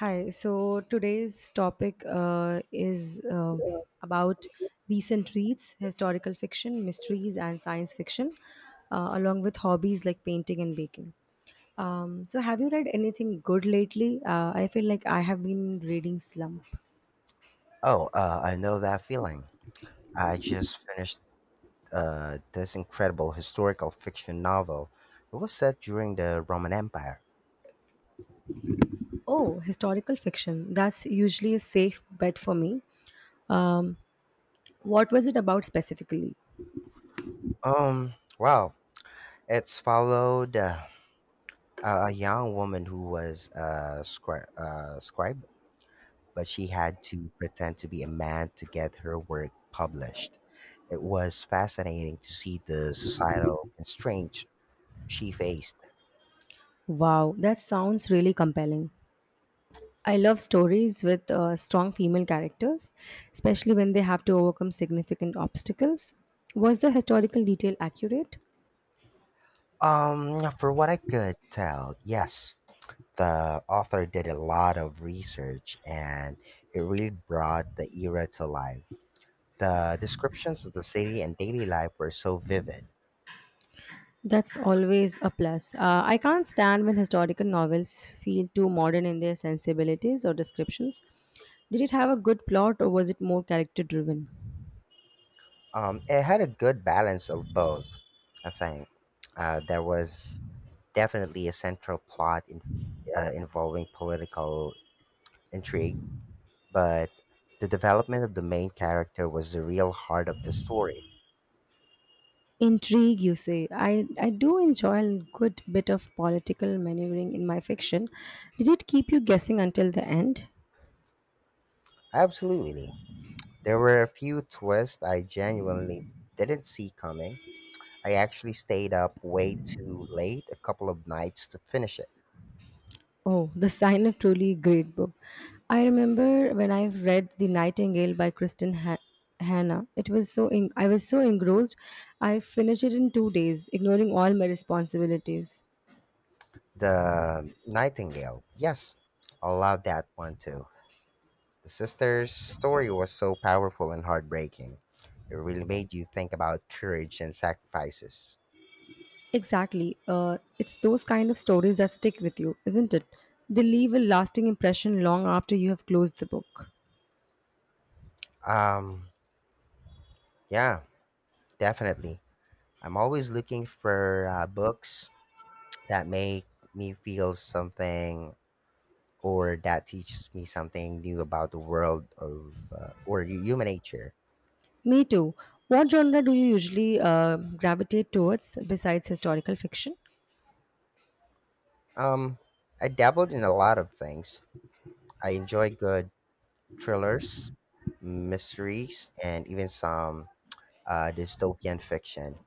Hi, so today's topic is about recent reads, historical fiction, mysteries, and science fiction, along with hobbies like painting and baking. So, have you read anything good lately? I feel like I have been reading slump. Oh, I know that feeling. I just finished this incredible historical fiction novel. It was set during the Roman Empire. Oh, historical fiction. That's usually a safe bet for me. Um, what was it about specifically? Wow. It's followed a young woman who was a scribe, but she had to pretend to be a man to get her work published. It was fascinating to see the societal constraints she faced. Wow, that sounds really compelling. I love stories with strong female characters, especially when they have to overcome significant obstacles. Was the historical detail accurate? For what I could tell, yes. The author did a lot of research and it really brought the era to life. The descriptions of the city and daily life were so vivid. That's always a plus. I can't stand when historical novels feel too modern in their sensibilities or descriptions. Did it have a good plot or was it more character driven? It had a good balance of both, I think. There was definitely a central plot involving political intrigue, but the development of the main character was the real heart of the story. Intrigue, you say. I do enjoy a good bit of political maneuvering in my fiction. Did it keep you guessing until the end? Absolutely. There were a few twists I genuinely didn't see coming. I actually stayed up way too late a couple of nights to finish it. Oh, The Sign of Truly great book. I remember when I read The Nightingale by Hanna. It was I was so engrossed. I finished it in 2 days, ignoring all my responsibilities. The Nightingale, yes, I love that one too. The sister's story was so powerful and heartbreaking. It really made you think about courage and sacrifices. Exactly. It's those kind of stories that stick with you, isn't it? They leave a lasting impression long after you have closed the book. Um, yeah, definitely. I'm always looking for books that make me feel something or that teach me something new about the world of or human nature. Me too. What genre do you usually gravitate towards besides historical fiction? Um, I dabbled in a lot of things. I enjoy good thrillers, mysteries, and even some dystopian fiction.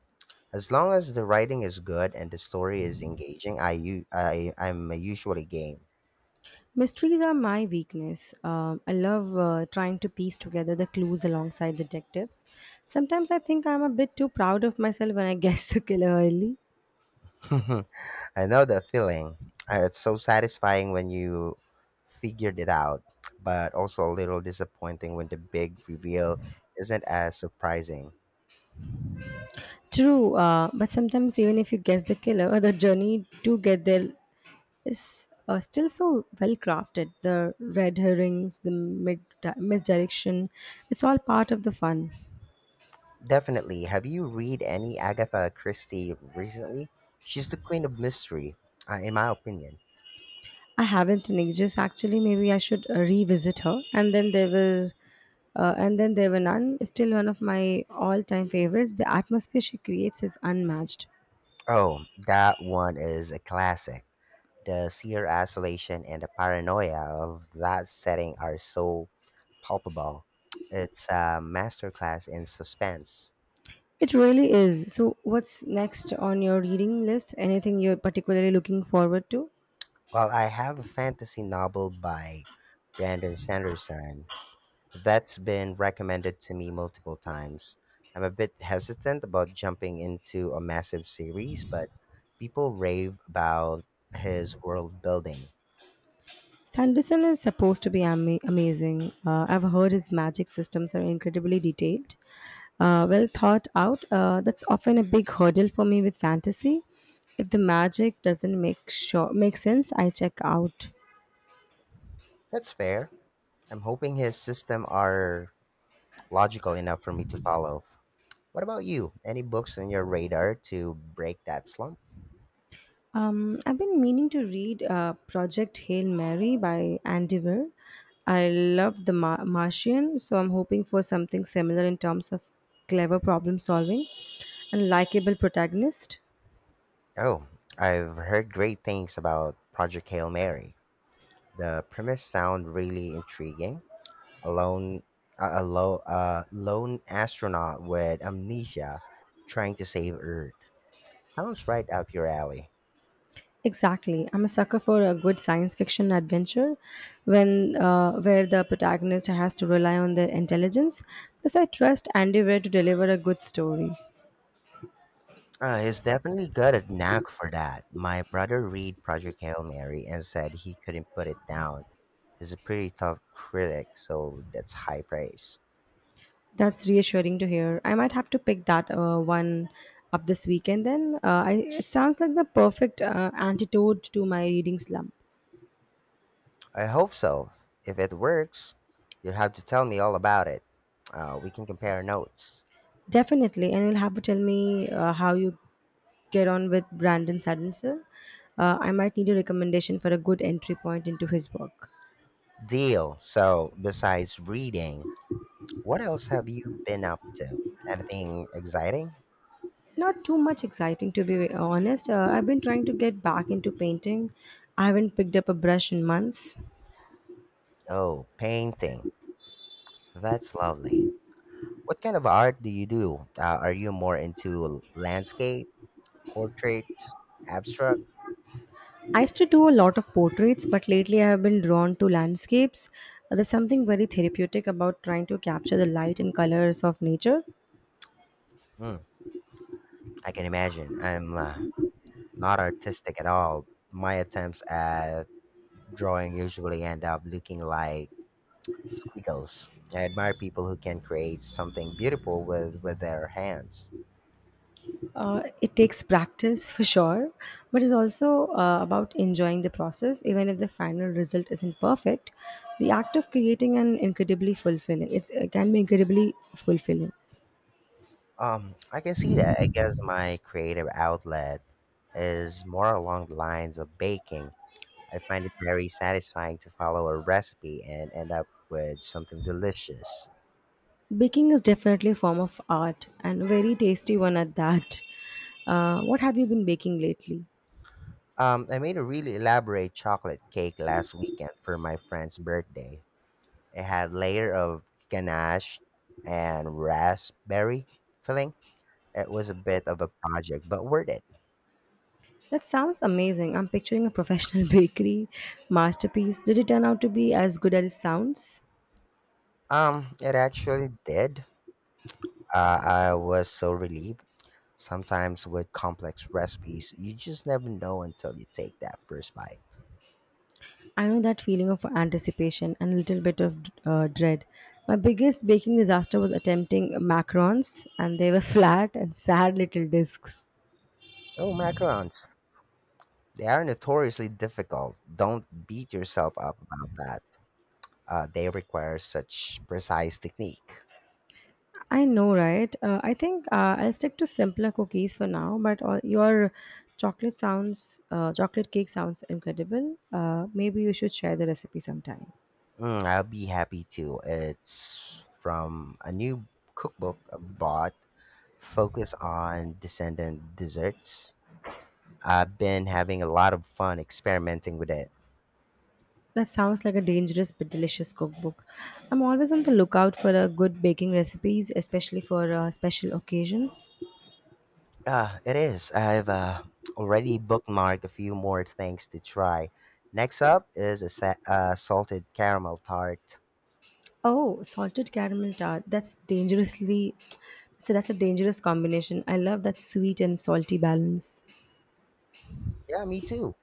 As long as the writing is good and the story is engaging, I'm usually game. Mysteries are my weakness. I love trying to piece together the clues alongside detectives. Sometimes I think I'm a bit too proud of myself when I guess the killer early. I know that feeling. It's so satisfying when you figured it out, but also a little disappointing when the big reveal isn't as surprising. True, but sometimes even if you guess the killer, the journey to get there is still so well crafted. The red herrings, the misdirection, it's all part of the fun. Definitely. Have you read any Agatha Christie recently? She's the queen of mystery, in my opinion. I haven't in ages. Actually, maybe I should revisit her. And then there were none. Is Still, one of my all-time favorites. The atmosphere she creates is unmatched. Oh, that one is a classic. The sheer isolation and the paranoia of that setting are so palpable. It's a masterclass in suspense. It really is. So, what's next on your reading list? Anything you're particularly looking forward to? Well, I have a fantasy novel by Brandon Sanderson that's been recommended to me multiple times. I'm a bit hesitant about jumping into a massive series, but people rave about his world building. Sanderson is supposed to be amazing. I've heard his magic systems are incredibly detailed, well thought out. That's often a big hurdle for me with fantasy. If the magic doesn't make sense, I check out. That's fair. I'm hoping his system are logical enough for me to follow. What about you? Any books on your radar to break that slump? I've been meaning to read Project Hail Mary by Andy Weir. I love Martian, so I'm hoping for something similar in terms of clever problem solving and likable protagonist. Oh, I've heard great things about Project Hail Mary. The premise sound really intriguing. A lone, a low, a lone astronaut with amnesia trying to save Earth. Sounds right up your alley. Exactly. I'm a sucker for a good science fiction adventure when where the protagonist has to rely on their intelligence. Plus, I trust Andy Weir to deliver a good story. He's definitely got a knack for that. My brother read Project Hail Mary and said he couldn't put it down. He's a pretty tough critic, so that's high praise. That's reassuring to hear. I might have to pick that one up this weekend then. It sounds like the perfect antidote to my reading slump. I hope so. If it works, you'll have to tell me all about it. We can compare notes. Definitely. And you'll have to tell me how you get on with Brandon Sanderson. I might need a recommendation for a good entry point into his work. Deal. So, besides reading, what else have you been up to? Anything exciting? Not too much exciting, to be honest. I've been trying to get back into painting. I haven't picked up a brush in months. Oh, painting. That's lovely. What kind of art do you do? Are you more into landscape, portraits, abstract? I used to do a lot of portraits, but lately I have been drawn to landscapes. There's something very therapeutic about trying to capture the light and colors of nature. Mm, I can imagine. I'm not artistic at all. My attempts at drawing usually end up looking like squiggles. I admire people who can create something beautiful with their hands. It takes practice for sure, but it's also about enjoying the process, even if the final result isn't perfect. The act of creating an incredibly fulfilling. It can be incredibly fulfilling. I can see that. I guess my creative outlet is more along the lines of baking. I find it very satisfying to follow a recipe and end up with something delicious. Baking is definitely a form of art and a very tasty one at that. What have you been baking lately? I made a really elaborate chocolate cake last weekend for my friend's birthday. It had layer of ganache and raspberry filling. It was a bit of a project, but worth it. That sounds amazing. I'm picturing a professional bakery masterpiece. Did it turn out to be as good as it sounds? It actually did. I was so relieved. Sometimes with complex recipes, you just never know until you take that first bite. I know that feeling of anticipation and a little bit of dread. My biggest baking disaster was attempting macarons, and they were flat and sad little discs. Oh, macarons. They are notoriously difficult. Don't beat yourself up about that. They require such precise technique. I know, right? I think I'll stick to simpler cookies for now. But your chocolate cake sounds incredible. Maybe you should share the recipe sometime. Mm, I'll be happy to. It's from a new cookbook I bought, focus on descendant desserts. I've been having a lot of fun experimenting with it. That sounds like a dangerous but delicious cookbook. I'm always on the lookout for a good baking recipes, especially for special occasions. It is. I've already bookmarked a few more things to try. Next up is a salted caramel tart. Oh, salted caramel tart. That's dangerously. So that's a dangerous combination. I love that sweet and salty balance. Yeah, me too.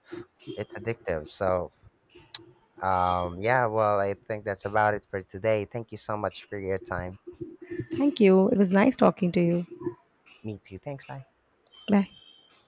It's addictive, so yeah, well, I think that's about it for today. Thank you so much for your time. Thank you. It was nice talking to you. Me too. Thanks. Bye. Bye.